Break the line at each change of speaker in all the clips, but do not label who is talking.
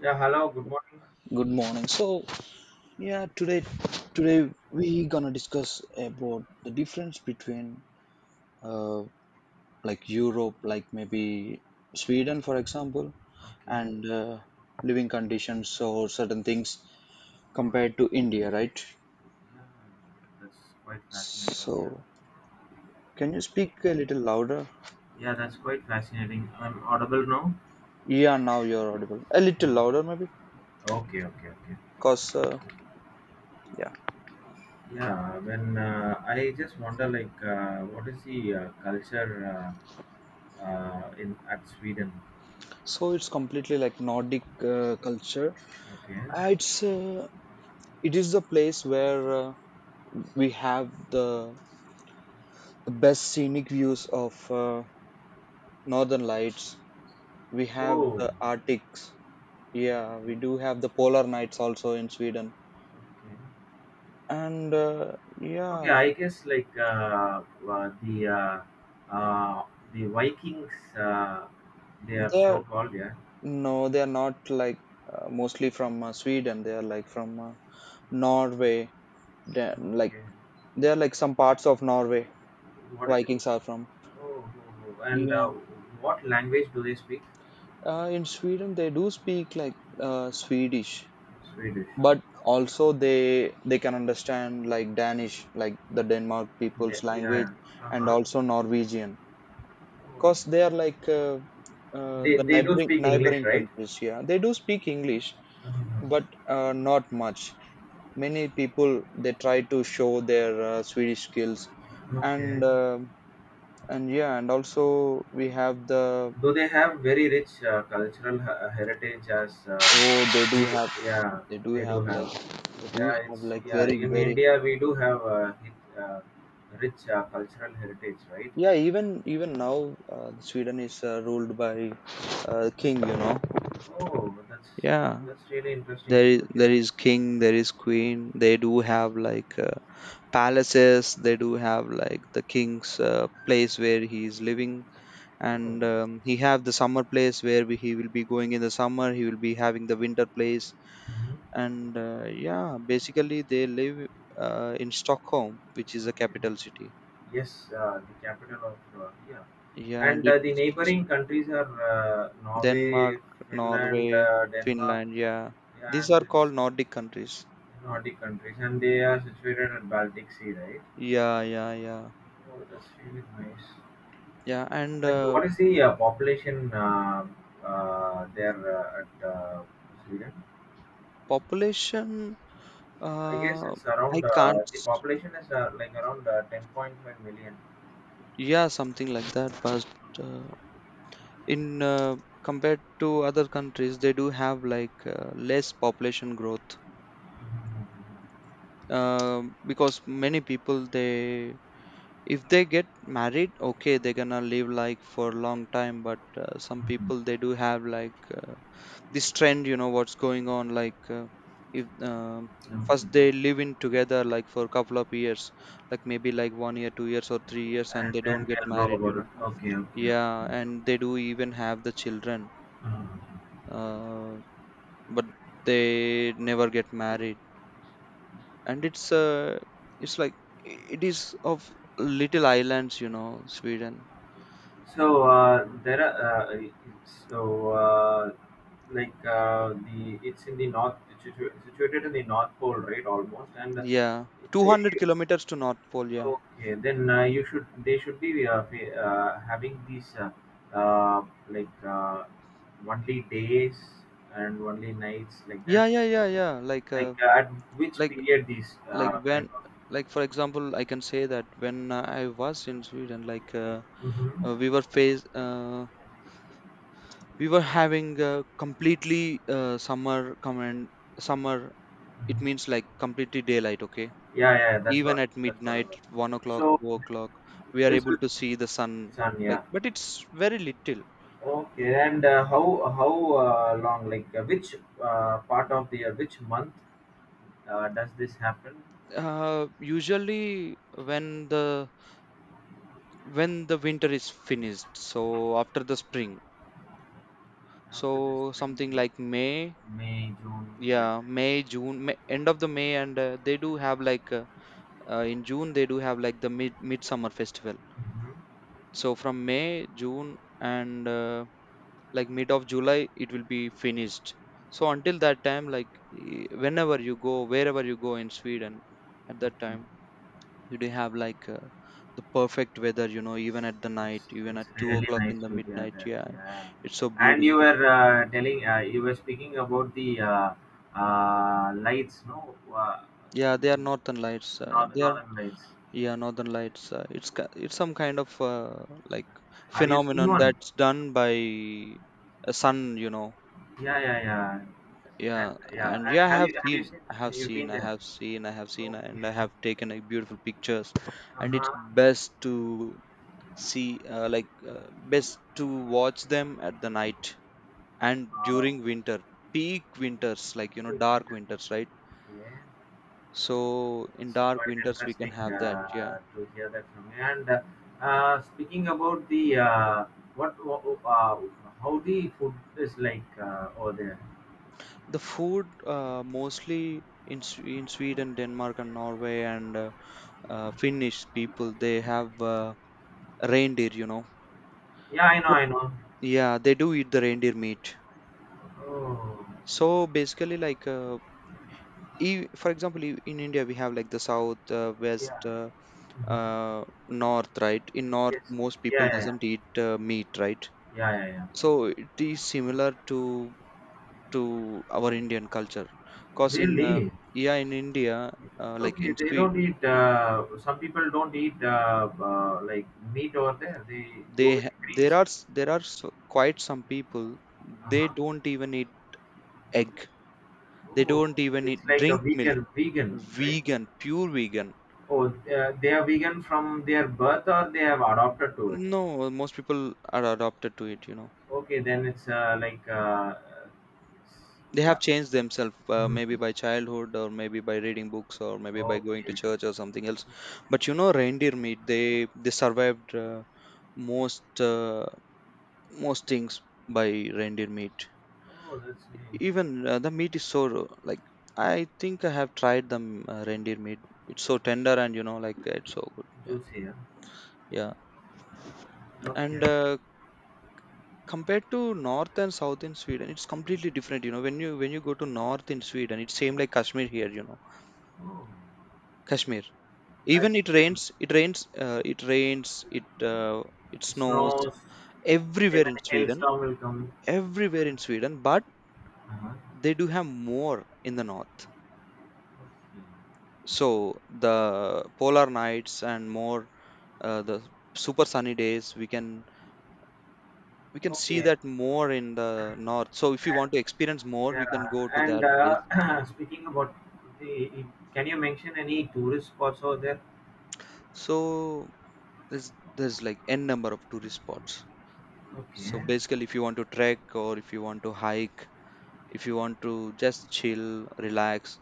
Yeah, hello, good morning.
Good morning. So, yeah, today we gonna discuss about the difference between uh, like Europe, like maybe Sweden, for example,
Okay.
and living conditions or certain things
Mhm.
compared to India, right?
Yeah, that's quite
So,
fascinating. Yeah.
can you speak a little louder?
Yeah, that's quite fascinating. I'm audible now.
Yeah, now you're audible. A little
Mm.
louder, maybe,
Okay, okay, okay.
cause yeah.
Yeah, yeah, when I just wonder, what is the culture in at Sweden?
So it's completely like Nordic culture.
Okay.
Uh, It's uh, it is the place where we have the best scenic views of northern lights. We have
Oh,
the Arctics. Yeah,
okay.
we do have the polar nights also in Sweden,
Okay.
and
Okay.
yeah.
I guess uh, the uh, uh, the Vikings. They are so
they're
called. Yeah.
No, they're not like mostly from Sweden. They're like from Norway. they're like
Okay.
they're like some parts of Norway.
What is it?
Vikings are from.
Oh, oh, oh. and
Yeah.
what language do they speak?
In Sweden they do speak like Swedish,
Swedish.
but also they can understand like Danish, like the Denmark
They,
people's language,
yeah, yeah.
and
Uh-huh.
also Norwegian, because they
Oh.
are like the
They do
neighboring
speak English,
neighboring
right?
countries. Yeah, they do speak English,
Uh,
but not much. Many people they try to show their Swedish skills. And
okay.
and yeah, and also we have the.
Though they have very rich cultural heritage as
Oh,
we, yeah,
they do
they do
have
have.
like they do
Yeah,
have like
yeah,
very
in
very.
India we do have rich cultural heritage, right?
Yeah, even now, Sweden is ruled by king. You know.
Oh,
Yeah,
that's really interesting
there is
to
there
hear.
is king, there is queen. They do have like palaces. They do have like the king's place where he is living,
Oh.
and he have the summer place where he will be going in the summer. He will be having the winter place,
Mhm.
and yeah, basically they live in Stockholm, which is the
Okay.
capital city.
Yes, the capital of, yeah,
Yeah, and
and
it.
uh, the neighboring countries are
Denmark,
Norway, Finland,
Norway,
Denmark,
Finland. Yeah,
yeah,
these
and
are
these
called Nordic countries.
Nordic countries, and they are situated at Baltic Sea, right?
Yeah, yeah, yeah,
Oh, that's really nice.
yeah. And
And what is the population there at Sweden?
population,
I guess
uh,
it's
I
around,
can't.
the population is like around 10.5 million.
Yeah, something like that. But uh, in compared to other countries, they do have like less population growth. Um because many people, they if they get married, okay, they're gonna live like for a long time. But some
Mhm,
people they do have like. uh, this trend, you know what's going on, like if, first they
mhm.
live in together like for a couple of years, like maybe like 1 year 2 years or 3 years,
Okay.
and
And
they
then
don't get
they'll go
married you
about it.
know
Okay, okay,
Yeah,
okay.
and they do even have the children,
Uh-huh.
uh, but they never get married, and it's like it is of little islands, you know, Sweden.
So there are so like the it's in the north, it's situated in the North Pole, right? Almost, and
Yeah, 200
you-
kilometers to North Pole. Yeah,
okay, then you should, they should be having these uh, like uh, only days and only nights like that.
yeah, yeah, yeah, yeah, like,
At which
like
period these
like
kind
when
of.
like, for example, I can say that when, I was in Sweden, like,
Mhm.
uh, we were face uh, we were having a completely summer come and summer. It means like completely daylight, okay,
Yeah, yeah, that's
even
what,
at
that's what I
midnight
was.
1 o'clock
So
2 o'clock. We are
this
able
is
to see the sun,
sun,
like,
yeah.
but it's very little.
Okay, and how how long? Which part of the year, which month does this happen?
Usually when the when the winter is finished, so after the spring,
After the
so
spring,
something like May.
May, June, like
Yeah,
that.
May, June, May, end of the May, and they do have like in June they do have like the midsummer festival.
Mhm.
So from May, June, and like mid of July, it will be finished. So until that time, like, whenever you go, wherever you go in Sweden, at that time
Okay,
you do have like the perfect weather. You know, even at the
it's
night, even
it's
at two
really
o'clock
nice
in the
to hear
midnight.
that.
Yeah,
Yeah,
it's so
and you
beautiful.
were telling, you were speaking about the lights, no,
Yeah, they are northern lights.
northern,
They are
northern lights.
Yeah, Northern Lights. It's it's some kind of like
Have you seen
phenomenon
one?
that's done by a sun.
Yeah, yeah, yeah, and
Yeah,
yeah,
and
and
yeah,
have you, have you seen? You've been
I
there.
have seen, I have seen, and
Okay.
I have taken a beautiful pictures. And it's
Uh-huh.
best to watch them at the night and
Uh,
during winter, peak winters, like,
Good, thank
dark
you.
winters, right?
Mentioned it. Okay.
So in
It's
dark
quite
winters we can
interesting
have that. Yeah.
to hear that from you. And speaking about the, what, what, how the food is like over there.
The food mostly in in Sweden, Denmark, and Norway, and Finnish people, they have reindeer. You know,
Yeah, I know,
but
I know.
yeah, they do eat the reindeer meat.
Oh,
So basically, like, for example, in India we have like the south, west,
yeah.
north, right? In north,
Yes.
most
Yeah,
people
yeah, yeah,
doesn't eat meat, right?
yeah, yeah, yeah.
So it is similar to our Indian culture, cause in
Really?
yeah, in India, like
Okay,
in
they
Sweden.
don't eat. Some people don't eat ,like meat over there. They go with the greens.
There are so, quite some people they
Uh-huh.
don't even eat egg. They
Oh,
don't even
it's
eat
like a
drink milk.
vegan, vegan, right?
Vegan, pure vegan.
Oh, they are vegan from their birth or they have adopted to it.
No, most people are adopted to it.
Okay, then it's s-
They
yeah.
have changed themselves, maybe
Mhm.
by childhood or maybe by reading books or maybe by going to
Okay.
church or something else. But, reindeer meat, they survived, most uh, most things by reindeer meat.
Oh, that's nice.
Even the meat is so like, I think I have tried the reindeer meat. It's so
It-
tender, and like, it's so good. Yeah,
juicy, yeah.
yeah.
Okay,
And
okay.
compared to north and south in Sweden, it's completely different. You know, when you go to north in Sweden, it's same like Kashmir here. You know,
Oh,
Kashmir. Even
that's
it
um,
rains, it rains, it rains, it it snows
snows.
everywhere
Even
in Sweden,
hailstorm will come.
everywhere in Sweden. But
Uh-huh.
they do have more in the north. So the polar nights and more, the super sunny days, we can see
Okay. Okay.
that more in the north. So if you want to experience more we can
Yeah.
go to
And
that place.
uh, speaking about the, can you mention any tourist spots over there?
So there's like n number of tourist spots. So
Okay.
basically if you want to trek or if you want to hike, if you want to just chill, relax,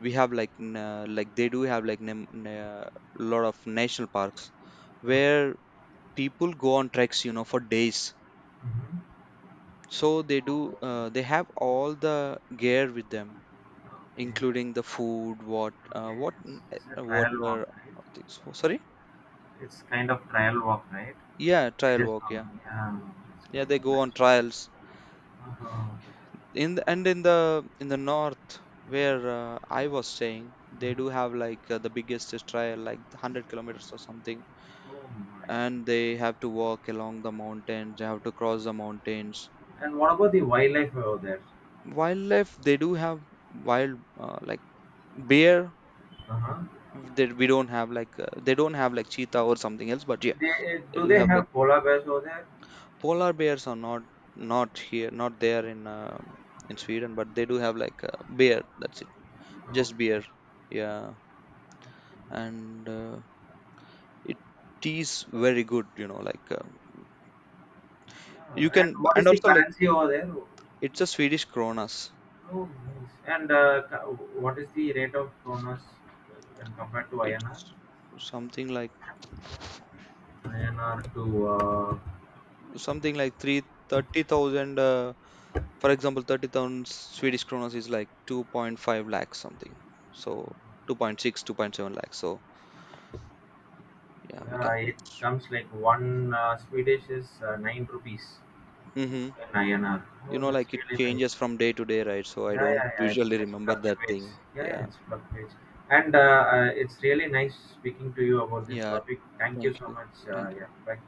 we have like n- like they do have like lot of national parks
Oh,
where people go on treks, for days.
mhm.
So
Oh,
they have all the gear with them,
okay.
including the food, what, uh,
Okay.
what, n- eh,
It's a trial
water.
walk, right?
Oh, sorry.
It's kind of trial walk, right?
Yeah,
It
trial
just
walk. Yeah,
yeah, it's
yeah,
good.
they go
Nice
on
to do.
trials.
Uh-huh.
And in the north where I was staying, they
Mhm.
do have like the biggest trial, like 100 kilometers or something,
Oh my.
and they have to walk along the mountains. They have to cross the mountains.
And what about the wildlife over there?
Wildlife, they do have wild, like, bear.
Uh-huh.
They don't have like cheetah or something else, but yeah,
They, eh,
they
do
do
they
have like
have polar bears over there?
polar bears are not here, not there, in Sweden, but they do have like a bear, that's it. Just beer,
Okay.
yeah, and it is very good. You
Yeah. And
can,
what
and
is the
also like,
currency over there?
it's a Swedish kronas.
Oh, nice. And what is the rate of kronos when compared to
It's
INR?
something like
INR to
something like three thirty thousand, for example, 30,000 Swedish kronas is like 2.5 lakhs, something. So 2.6, two point seven, 2.7 lakhs. So yeah, we can
yeah, it
just.
comes like one Swedish is nine rupees
Mhm.
in INR.
You
Oh,
know,
that's
like it
really nice.
changes from day to day, right? So I
Yeah,
don't
yeah, yeah.
usually
It
remember that
fluctuates.
thing.
Yeah, yeah,
Yeah.
it fluctuates. And it's really nice speaking to you about this
Yeah.
topic. Thank you
Thank
so
you.
much.
Thank
Yeah,
you.
bye.